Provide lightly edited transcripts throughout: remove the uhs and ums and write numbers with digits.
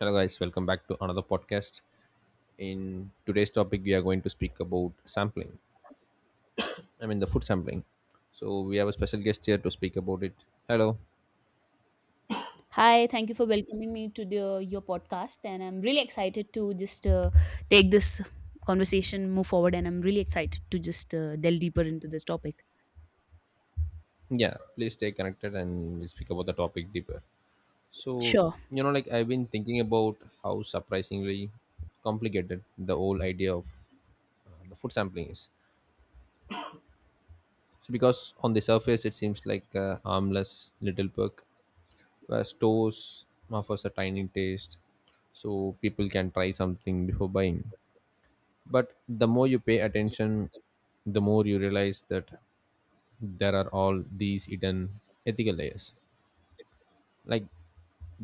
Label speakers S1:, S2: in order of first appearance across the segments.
S1: Hello, guys, welcome back to another podcast. In today's topic, we are going to speak about sampling, I mean, the food sampling. So, we have a special guest here to speak about it. Hello,
S2: Hi, thank you for welcoming me to your podcast, and I'm really excited to just take this conversation move forward, and I'm really excited to just delve deeper into this topic.
S1: yeah, please stay connected and we'll speak about the topic deeper. So,
S2: Sure.
S1: like I've been thinking about how surprisingly complicated the whole idea of the food sampling is. So, because on the surface, it seems like a harmless little perk where stores offers a tiny taste so people can try something before buying, but the more you pay attention, the more you realize that there are all these hidden ethical layers, like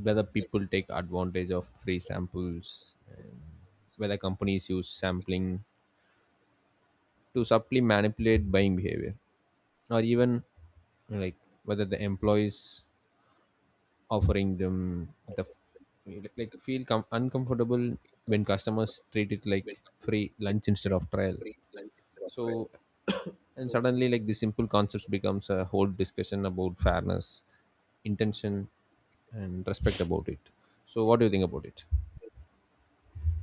S1: whether people take advantage of free samples and whether companies use sampling to subtly manipulate buying behavior, or even, like, whether the employees offering them the like feel uncomfortable when customers treat it like free lunch instead of trial. So and suddenly, like, the simple concepts becomes a whole discussion about fairness, intention, and respect about it. So what do you think about it?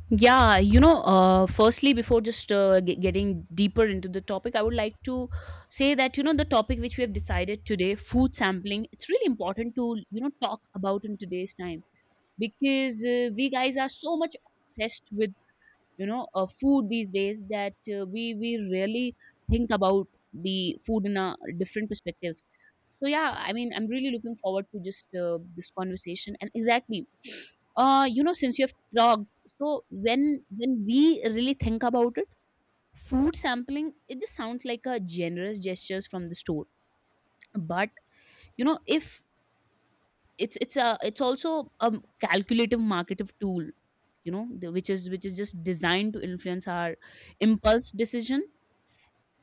S2: Firstly, before getting deeper into the topic, I would like to say that, you know, the topic which we have decided today, food sampling, it's really important to, you know, talk about in today's time because we guys are so much obsessed with food these days that we really think about the food in a different perspective. So yeah, I mean, I'm really looking forward to just this conversation. And exactly, you know, since you have talked so, when when we really think about it, food sampling, it just sounds like a generous gestures from the store. But you know, if it's also a calculative marketive tool, you know, which is just designed to influence our impulse decision.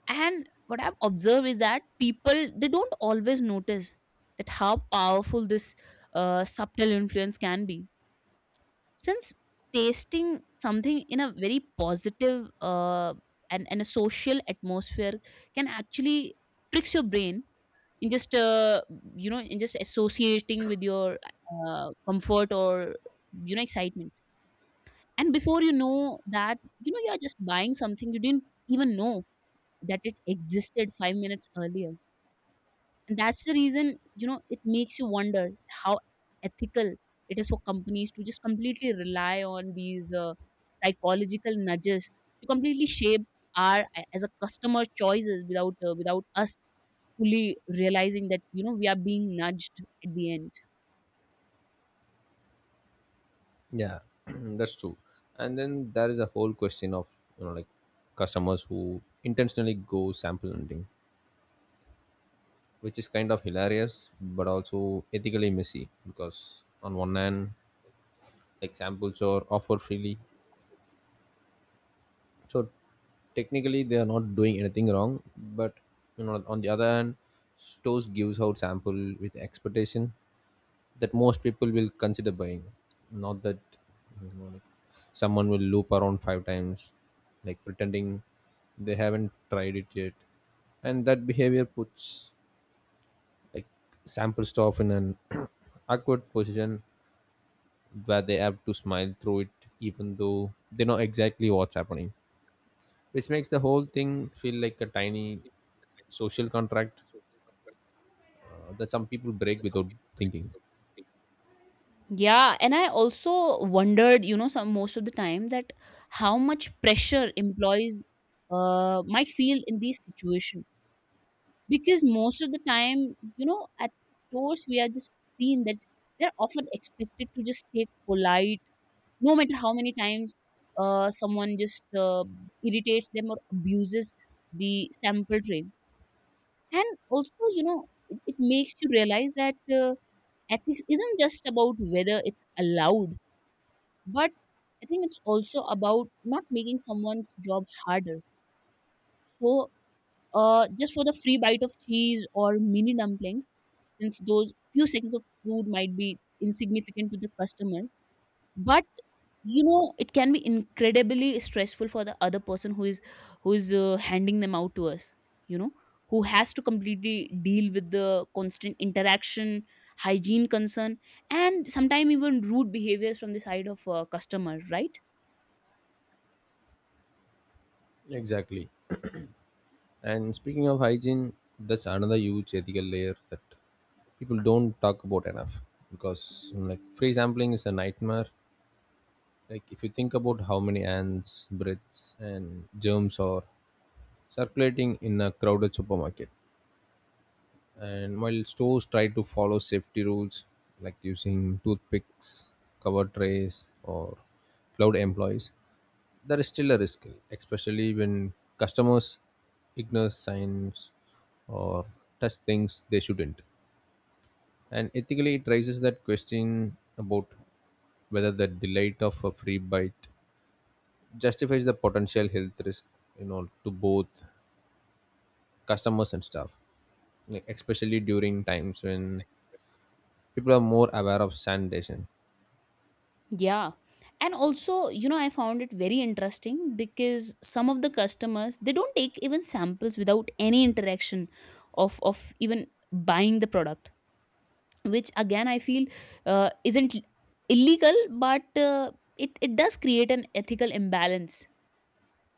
S2: And what I've observed is that people, they don't always notice that how powerful this subtle influence can be, since tasting something in a very positive and a social atmosphere can actually tricks your brain in just you know, in just associating with your comfort or, you know, excitement. And before you know that, you know, you are just buying something you didn't even know that it existed 5 minutes earlier. And that's the reason, you know, it makes you wonder how ethical it is for companies to just completely rely on these psychological nudges to completely shape our as a customer choices without us fully realizing that, you know, we are being nudged at the end.
S1: Yeah, that's true. And then there is a whole question of, you know, like, customers who intentionally go sample hunting, which is kind of hilarious but also ethically messy, because on one hand examples or offer freely. So technically they are not doing anything wrong, but you know, on the other hand, stores gives out sample with expectation that most people will consider buying, not that someone will loop around five times, like pretending they haven't tried it yet, and that behavior puts, like, sample stuff in an awkward position where they have to smile through it even though they know exactly what's happening, which makes the whole thing feel like a tiny social contract that some people break without thinking.
S2: Yeah, and I also wondered, you know, some most of the time that how much pressure employees might feel in these situations, because most of the time, you know, at stores we are just seeing that they're often expected to just stay polite, no matter how many times someone just irritates them or abuses the sample tray. And also, you know, it makes you realize that ethics isn't just about whether it's allowed, but I think it's also about not making someone's job harder. So, just for the free bite of cheese or mini dumplings, since those few seconds of food might be insignificant to the customer, but you know, it can be incredibly stressful for the other person who is who is handing them out to us. You know, who has to completely deal with the constant interaction, hygiene concern, and sometimes even rude behaviors from the side of customer, right?
S1: Exactly. And speaking of hygiene, that's another huge ethical layer that people don't talk about enough, because you know, like, free sampling is a nightmare. Like, if you think about how many ants, breaths, and germs are circulating in a crowded supermarket. And while stores try to follow safety rules like using toothpicks, cover trays, or cloud employees, there is still a risk, especially when customers ignore signs or touch things they shouldn't. And ethically, it raises that question about whether the delight of a free bite justifies the potential health risk, you know, to both customers and staff, like especially during times when people are more aware of sanitation.
S2: Yeah. And also, you know, I found it very interesting because some of the customers, they don't take even samples without any interaction of even buying the product, which again I feel isn't illegal, but it does create an ethical imbalance,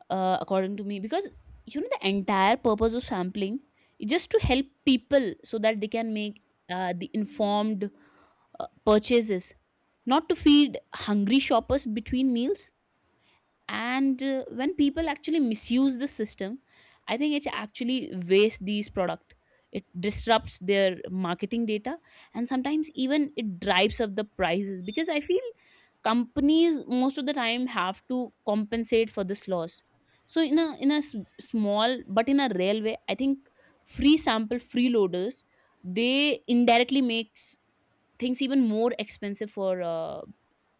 S2: according to me, because you know the entire purpose of sampling is just to help people so that they can make the informed purchases, not to feed hungry shoppers between meals. And when people actually misuse the system, I think it actually wastes these product, it disrupts their marketing data, and sometimes even it drives up the prices, because I feel companies most of the time have to compensate for this loss. So in a small but in a real way, I think free sample freeloaders, they indirectly makes things even more expensive for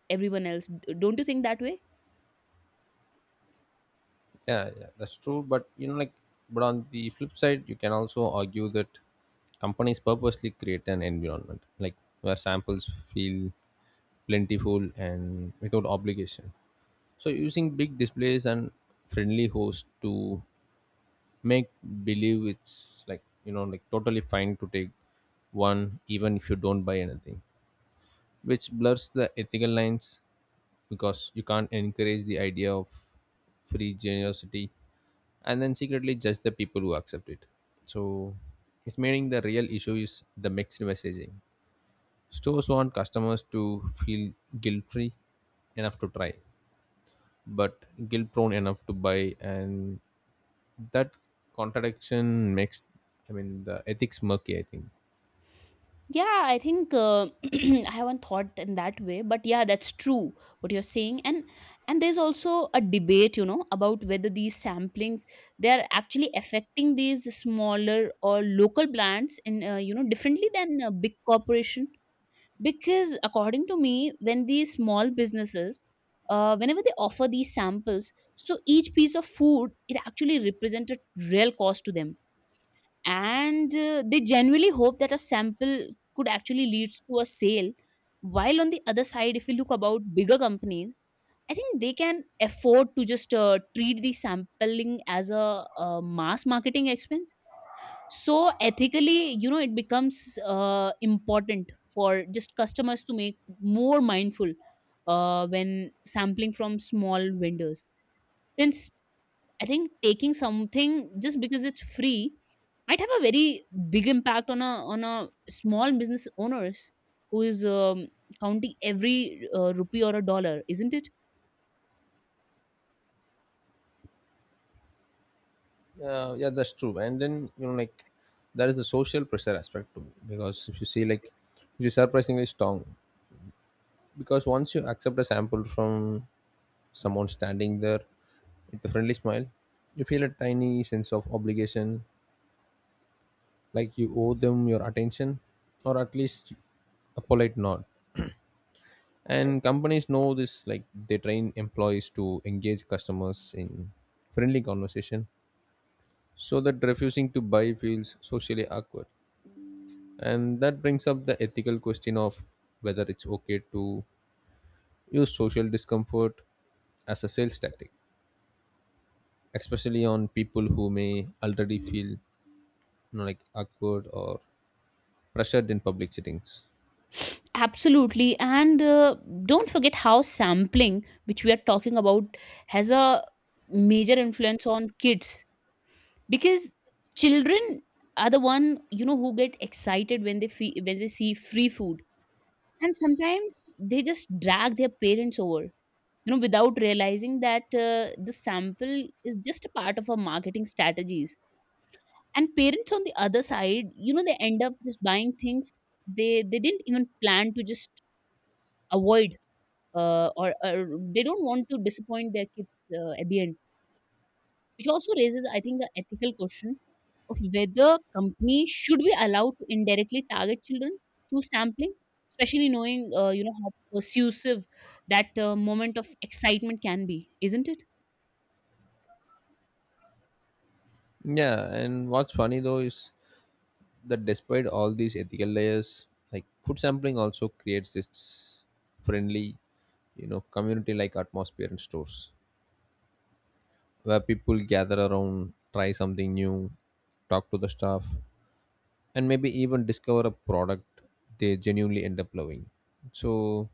S2: everyone else. Don't you think that way?
S1: Yeah, yeah, that's true. But you know, like, but on the flip side, you can also argue that companies purposely create an environment, like, where samples feel plentiful and without obligation. So using big displays and friendly hosts to make believe it's like, you know, like, totally fine to take one even if you don't buy anything, which blurs the ethical lines, because you can't encourage the idea of free generosity and then secretly judge the people who accept it. So it's meaning the real issue is the mixed messaging. Stores want customers to feel guilt free enough to try, but guilt prone enough to buy, and that contradiction makes, I mean, the ethics murky, I think.
S2: Yeah, I think I haven't thought in that way, but yeah, that's true what you're saying. And there's also a debate, you know, about whether these samplings, they are actually affecting these smaller or local plants in you know, differently than a big corporation. Because according to me, when these small businesses, whenever they offer these samples, so each piece of food, it actually represents a real cost to them. And they genuinely hope that a sample could actually leads to a sale, while on the other side, if you look about bigger companies, I think they can afford to just treat the sampling as a, mass marketing expense. So ethically, you know, it becomes important for just customers to make more mindful when sampling from small vendors, since I think taking something just because it's free might have a very big impact on a small business owners who is counting every rupee or a dollar, isn't it?
S1: Yeah, that's true. And then, you know, like, that is the social pressure aspect too, because if you see, like, it is surprisingly strong, because once you accept a sample from someone standing there with a friendly smile. You feel a tiny sense of obligation, like you owe them your attention or at least a polite nod. And companies know this, like they train employees to engage customers in friendly conversation so that refusing to buy feels socially awkward. And that brings up the ethical question of whether it's okay to use social discomfort as a sales tactic, especially on people who may already feel, you know, like, awkward or pressured in public settings.
S2: Absolutely. And don't forget how sampling, which we are talking about, has a major influence on kids, because children are the one, you know, who get excited when they when they see free food. And sometimes they just drag their parents over, you know, without realizing that the sample is just a part of our marketing strategies. And parents on the other side, you know, they end up just buying things they didn't even plan to just avoid, or they don't want to disappoint their kids at the end. Which also raises, I think, the ethical question of whether companies should be allowed to indirectly target children through sampling, especially knowing, you know, how persuasive that moment of excitement can be, isn't it?
S1: Yeah, and what's funny though is that despite all these ethical layers, like, food sampling also creates this friendly, you know, community like atmosphere in stores where people gather around, try something new, talk to the staff, and maybe even discover a product they genuinely end up loving. So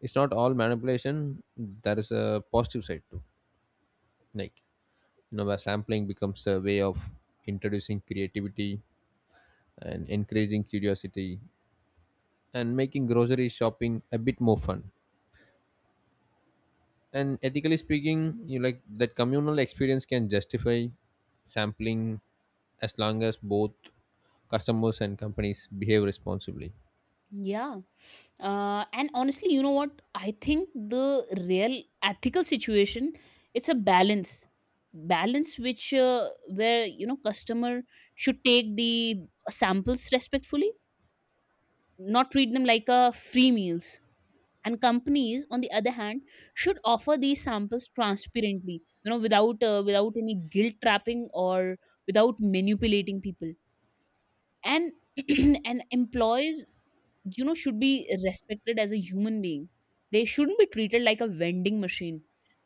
S1: it's not all manipulation, there is a positive side too. Like, you know, where sampling becomes a way of introducing creativity and encouraging curiosity and making grocery shopping a bit more fun, and ethically speaking, you like that communal experience can justify sampling as long as both customers and companies behave responsibly.
S2: Yeah. And honestly, you know what? I think the real ethical situation, it's a balance. Balance which where, you know, customer should take the samples respectfully, not treat them like a free meals. And companies on the other hand should offer these samples transparently, you know, without any guilt trapping or without manipulating people. And and employees, you know, should be respected as a human being, they shouldn't be treated like a vending machine,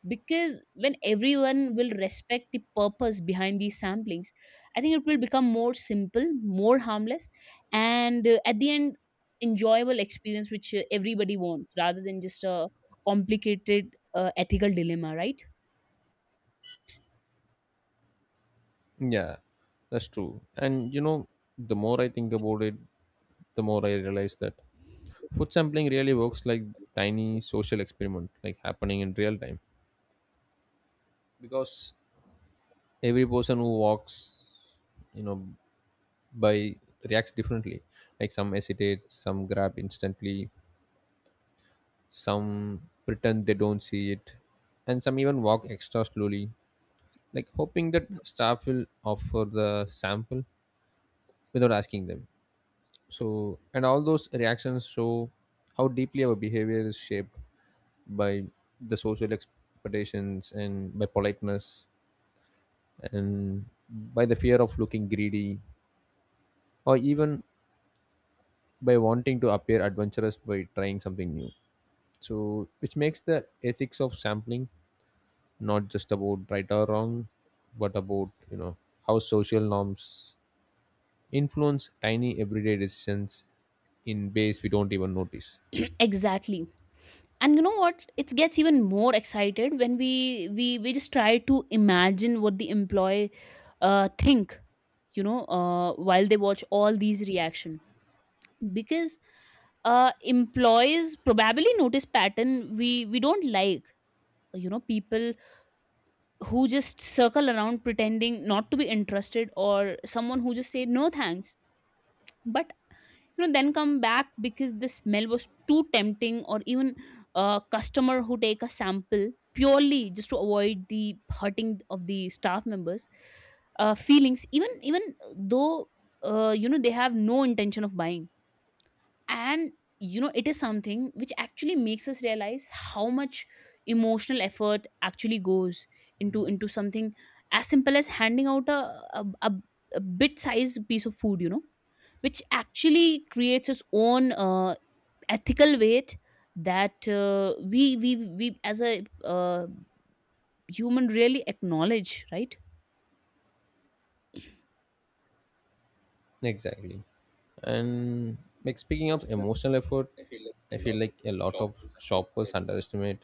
S2: because when everyone will respect the purpose behind these samplings, I think it will become more simple, more harmless, and at the end enjoyable experience which everybody wants, rather than just a complicated ethical dilemma, right?
S1: Yeah, that's true. And you know, the more I think about it, the more I realize that food sampling really works like tiny social experiment, like happening in real time, because every person who walks, you know, by, reacts differently. Like some hesitate, some grab instantly, some pretend they don't see it, and some even walk extra slowly, like hoping that staff will offer the sample without asking them. So, and all those reactions show how deeply our behavior is shaped by the social expectations and by politeness and by the fear of looking greedy, or even by wanting to appear adventurous by trying something new. So, which makes the ethics of sampling not just about right or wrong, but about, you know, how social norms influence tiny everyday decisions in ways we don't even notice.
S2: Exactly. And you know what, it gets even more excited when we just try to imagine what the employee think, you know, while they watch all these reaction. Because employees probably notice pattern we don't, like, you know, people who just circle around pretending not to be interested, or someone who just say no thanks but, you know, then come back because the smell was too tempting. Or even a customer who take a sample purely just to avoid the hurting of the staff members feelings, even though, you know, they have no intention of buying. And you know, it is something which actually makes us realize how much emotional effort actually goes into something as simple as handing out a bit sized piece of food, you know, which actually creates its own ethical weight that we as a human really acknowledge, right?
S1: Exactly. And, like, speaking of emotional effort, I feel like a lot of shoppers underestimate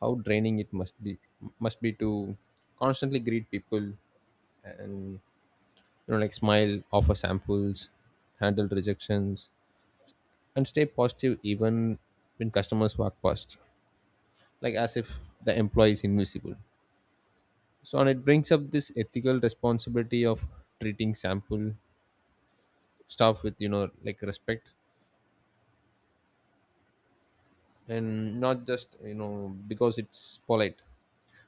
S1: how draining it must be, to constantly greet people and, you know, like, smile, offer samples, handle rejections, and stay positive even when customers walk past, like, as if the employee is invisible. So, and it brings up this ethical responsibility of treating sample staff with, you know, like, respect, and not just, you know, because it's polite,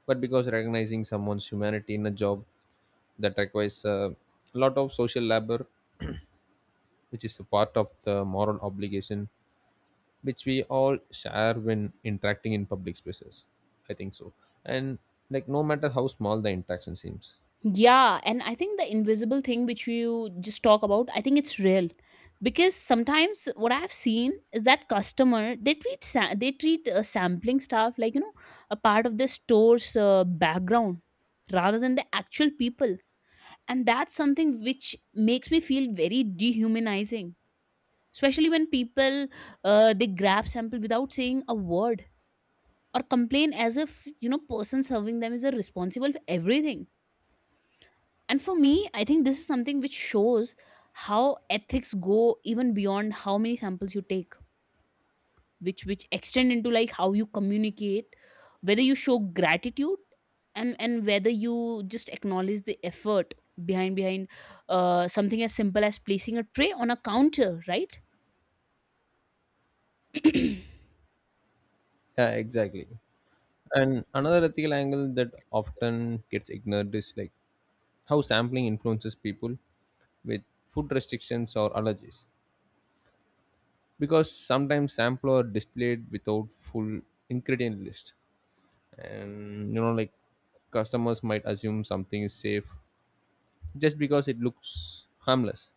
S1: but because recognizing someone's humanity in a job that requires a lot of social labor, which is a part of the moral obligation which we all share when interacting in public spaces. I think so. And like no matter how small the interaction seems.
S2: Yeah, and I think the invisible thing which you just talk about, I think it's real, because sometimes what I've seen is that customer, they they treat sampling stuff like, you know, a part of the store's background rather than the actual people, and that's something which makes me feel very dehumanizing. Especially when people they grab sample without saying a word or complain as if, you know, person serving them is a responsible for everything. And for me, I think this is something which shows how ethics go even beyond how many samples you take, which extend into, like, how you communicate, whether you show gratitude, and whether you just acknowledge the effort behind something as simple as placing a tray on a counter, right?
S1: Yeah, exactly. And another ethical angle that often gets ignored is, like, how sampling influences people with food restrictions or allergies. Because sometimes sample are displayed without full ingredient list. And, you know, like, customers might assume something is safe just because it looks harmless,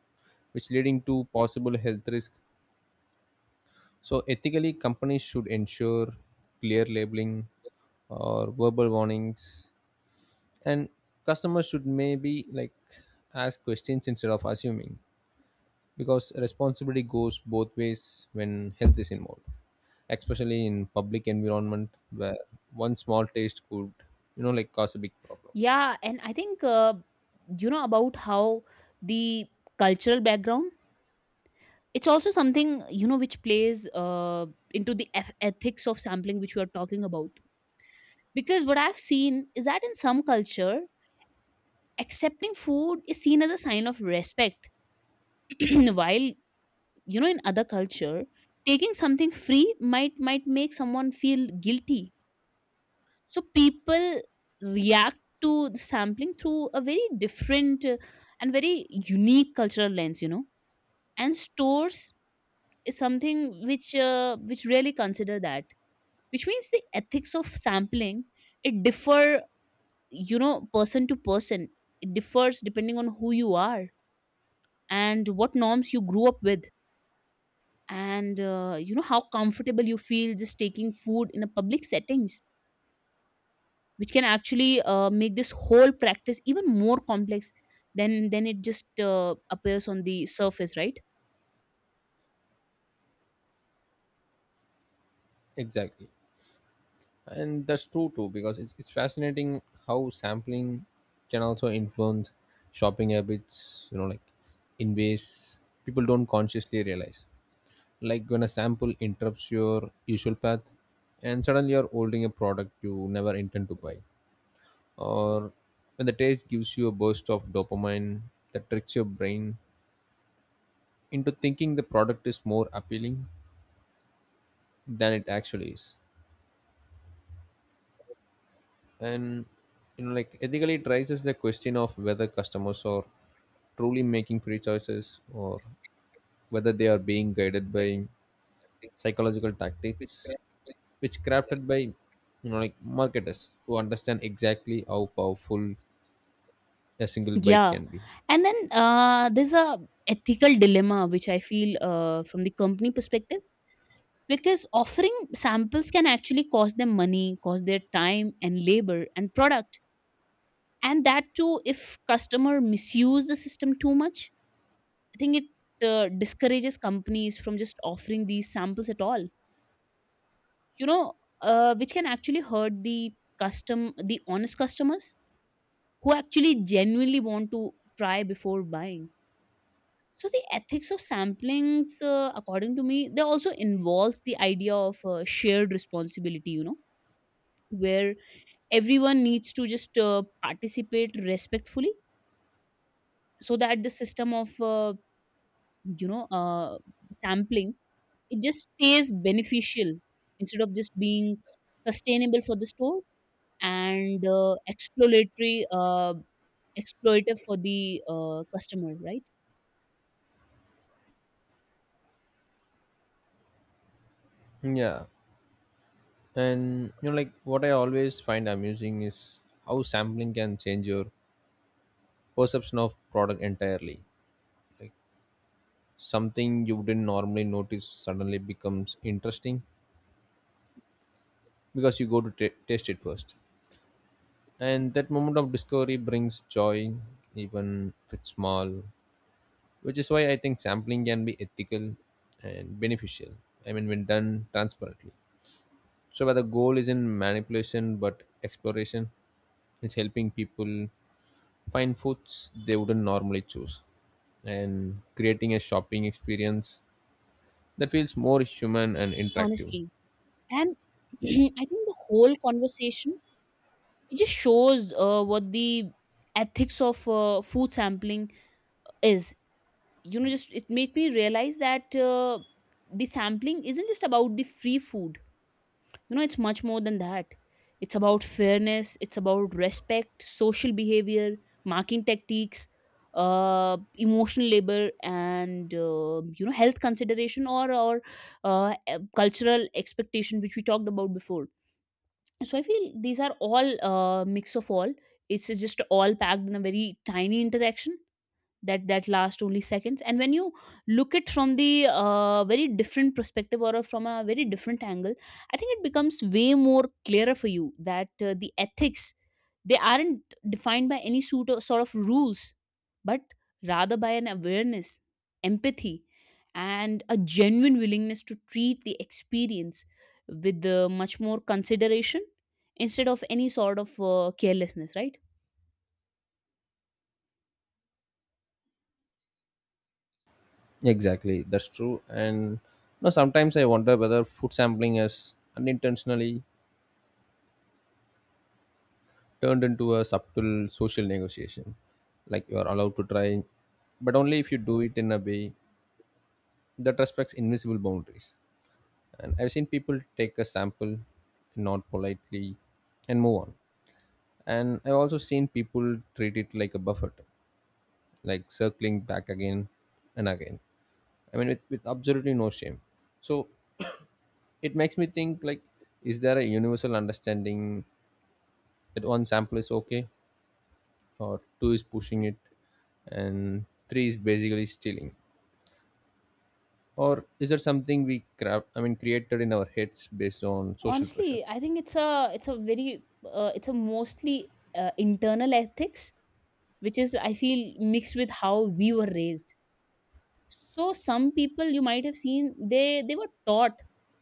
S1: which leading to possible health risk. So ethically, companies should ensure clear labeling or verbal warnings, and customers should maybe, like, ask questions instead of assuming, because responsibility goes both ways when health is involved, especially in public environment where one small taste could, you know, like, cause a big problem.
S2: Yeah, and I think you know, about how the cultural background, it's also something, you know, which plays into the ethics of sampling which we are talking about, because what I've seen is that in some culture accepting food is seen as a sign of respect. While, you know, in other culture taking something free might make someone feel guilty. So people react to the sampling through a very different and very unique cultural lens, you know, and stores is something which really consider that, which means the ethics of sampling, it differ, you know, person to person. It differs depending on who you are and what norms you grew up with, and you know, how comfortable you feel just taking food in a public settings, which can actually make this whole practice even more complex than it just appears on the surface, right?
S1: Exactly. And that's true too, because it's fascinating how sampling can also influence shopping habits, you know, like, in ways people don't consciously realize. Like when a sample interrupts your usual path and suddenly you're holding a product you never intend to buy, or when the taste gives you a burst of dopamine that tricks your brain into thinking the product is more appealing than it actually is. And, you know, like, ethically it raises the question of whether customers are truly making free choices, or whether they are being guided by psychological tactics which crafted by, you know, like, marketers who understand exactly how powerful a single bite
S2: Yeah,
S1: can be.
S2: and then there's a ethical dilemma which I feel from the company perspective, because offering samples can actually cost them money, cost their time and labor and product. And that too, if customer misuse the system too much, I think it discourages companies from just offering these samples at all, you know, which can actually hurt the custom the honest customers who actually genuinely want to try before buying. So the ethics of samplings, according to me, they also involves the idea of shared responsibility, you know, where everyone needs to just participate respectfully, so that the system of you know uh, sampling, it just stays beneficial, instead of just being sustainable for the store and exploratory, exploitative for the customer, right?
S1: Yeah, and you know, like, what I always find amusing is how sampling can change your perception of product entirely, like something you didn't normally notice suddenly becomes interesting because you go to ta taste it first. And that moment of discovery brings joy, even if it's small, which is why I think sampling can be ethical and beneficial. I mean, when done transparently. So, where the goal isn't manipulation but exploration, it's helping people find foods they wouldn't normally choose and creating a shopping experience that feels more human and interactive.
S2: Honestly, and I think the whole conversation, it just shows what the ethics of food sampling is. You know, just it made me realize that the sampling isn't just about the free food, you know, it's much more than that. It's about fairness, it's about respect, social behavior, marking tactics, emotional labor, and you know, health consideration, or cultural expectation, which we talked about before. So I feel these are all mix of all. It's just all packed in a very tiny interaction that last only seconds, and when you look it from the very different perspective, or from a very different angle, I think it becomes way more clearer for you that the ethics, they aren't defined by any sort of rules, but rather by an awareness, empathy, and a genuine willingness to treat the experience with much more consideration, instead of any sort of carelessness, right?
S1: Exactly, that's true. And you sometimes I wonder whether food sampling has unintentionally turned into a subtle social negotiation. Like you are allowed to try, but only if you do it in a way that respects invisible boundaries. And I've seen people take a sample, nod politely, and move on. And I've also seen people treat it like a buffet, like circling back again and again. I mean, with absolutely no shame. So it makes me think, like, is there a universal understanding that one sample is okay or two is pushing it and three is basically stealing, or is there something we crap I mean created in our heads based on social pressure?
S2: Honestly, I think it's a very it's a mostly internal ethics, which is, I feel, mixed with how we were raised. So some people, you might have seen, they were taught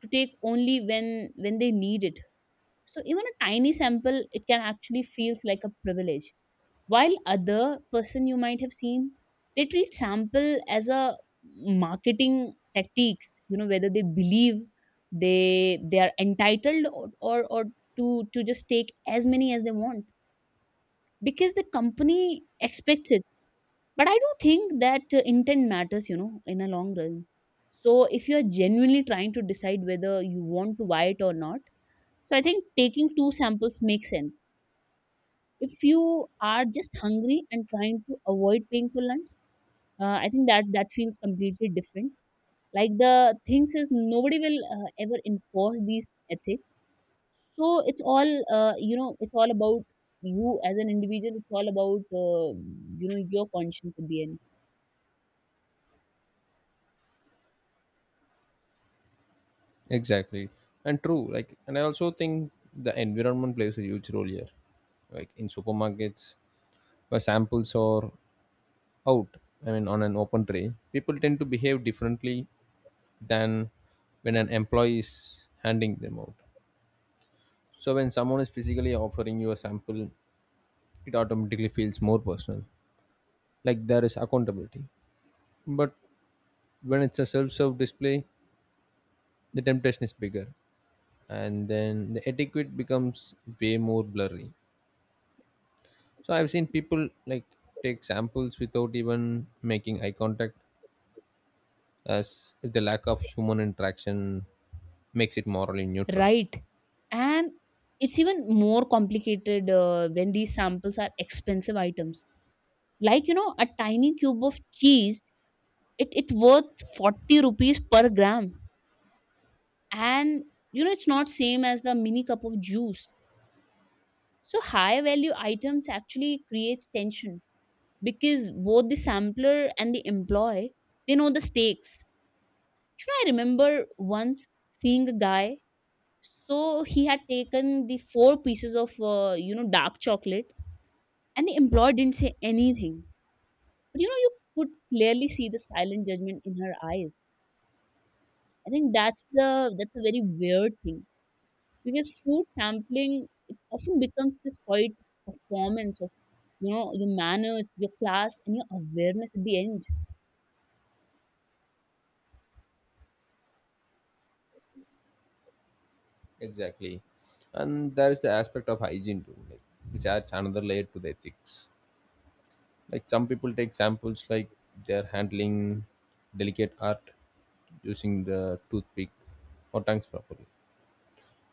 S2: to take only when they need it. So even a tiny sample, it can actually feels like a privilege, while other person, you might have seen, they treat sample as a marketing tactics, you know, whether they believe they are entitled, or to just take as many as they want because the company expects it. But I do think that intent matters, you know, in a long run. So if you are genuinely trying to decide whether you want to buy it or not, so I think taking two samples makes sense. If you are just hungry and trying to avoid paying for lunch, I think that feels completely different. Like the things is, nobody will ever enforce these ethics, so it's all you know, it's all about you as an individual. It's all about you know, your conscience at the end.
S1: Exactly. And true, like, and I also think the environment plays a huge role here, like in supermarkets where samples are out, I mean on an open tray, people tend to behave differently than when an employee is handing them out. So when someone is physically offering you a sample, it automatically feels more personal, like there is accountability. But when it's a self-serve display, the temptation is bigger, and then the etiquette becomes way more blurry. So I've seen people like take samples without even making eye contact, as if the lack of human interaction makes it morally neutral.
S2: Right, and it's even more complicated when these samples are expensive items, like, you know, a tiny cube of cheese, it worth 40 rupees per gram, and you know, it's not same as the mini cup of juice. So high value items actually creates tension because both the sampler and the employee, they know the stakes. You know, I remember once seeing a guy. So he had taken the four pieces of you know, dark chocolate, and the employee didn't say anything. But you know, you could clearly see the silent judgment in her eyes. I think that's the that's a very weird thing, because food sampling, it often becomes this quiet performance of, you know, your manners, your class, and your awareness at the end.
S1: Exactly, and there is the aspect of hygiene too, like, which adds another layer to the ethics. Like some people take samples like they're handling delicate art, using the toothpick or tongues properly.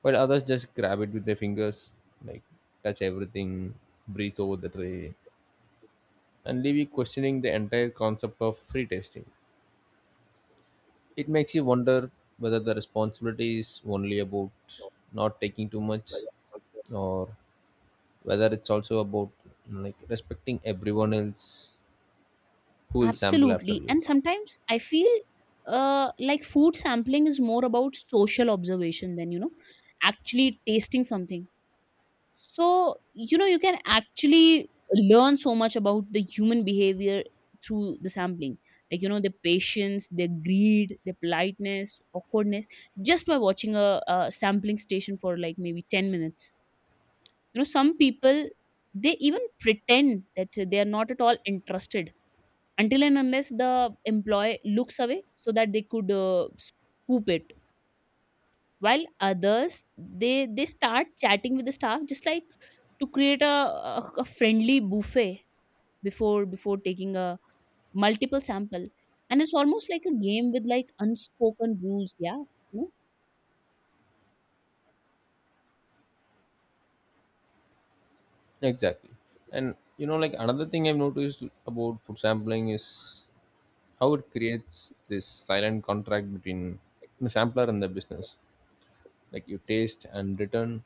S1: While others just grab it with their fingers, like, touch everything, breathe over the tray, and leave you questioning the entire concept of free tasting. It makes you wonder whether the responsibility is only about not taking too much, or whether it's also about, like, respecting everyone else who will sample
S2: Absolutely,
S1: after you.
S2: and sometimes I feel like food sampling is more about social observation than, you know, actually tasting something. So, you know, you can actually learn so much about the human behavior through the sampling. Like, you know, their patience, their greed, their politeness, awkwardness, just by watching a sampling station for like maybe 10 minutes. You know, some people, they even pretend that they are not at all interested until and unless the employee looks away so that they could scoop it, while others, they start chatting with the staff just like to create a friendly buffet before taking a multiple sample. And it's almost like a game with like unspoken rules, yeah, you know?
S1: Exactly. And you know, like, another thing I've noticed about food sampling is how it creates this silent contract between the sampler and the business. Like you taste and return,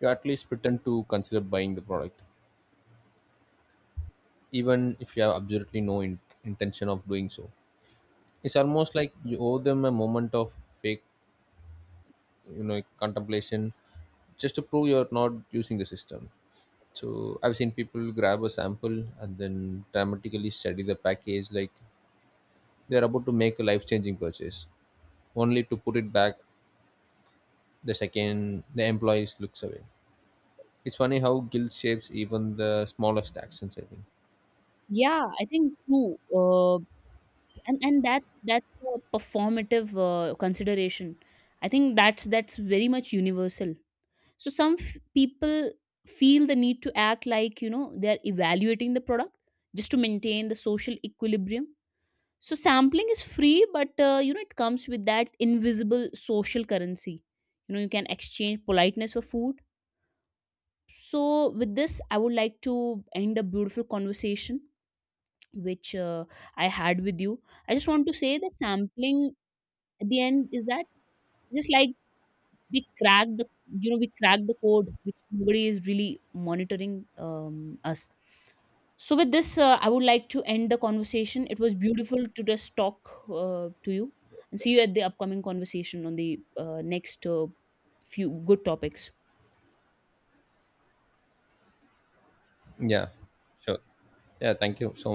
S1: you at least pretend to consider buying the product, even if you have absolutely no intention of doing so. It's almost like you owe them a moment of fake, you know, contemplation just to prove you're not using the system. So I've seen people grab a sample and then dramatically study the package like they are about to make a life-changing purchase, only to put it back the second the employees looks away. It's funny how guilt shapes even the smallest actions. I think.
S2: Yeah, I think true. uh, and that's a performative consideration. I think that's very much universal. So some people feel the need to act like, you know, they are evaluating the product just to maintain the social equilibrium. So sampling is free, but you know, it comes with that invisible social currency. You know, you can exchange politeness for food. So with this, I would like to end a beautiful conversation which I had with you. I just want to say that sampling at the end is that, just like we crack the, you know, we crack the code, which nobody is really monitoring us. So with this, I would like to end the conversation. It was beautiful to just talk to you, and see you at the upcoming conversation on the next few good topics.
S1: Yeah, sure. Yeah, thank you so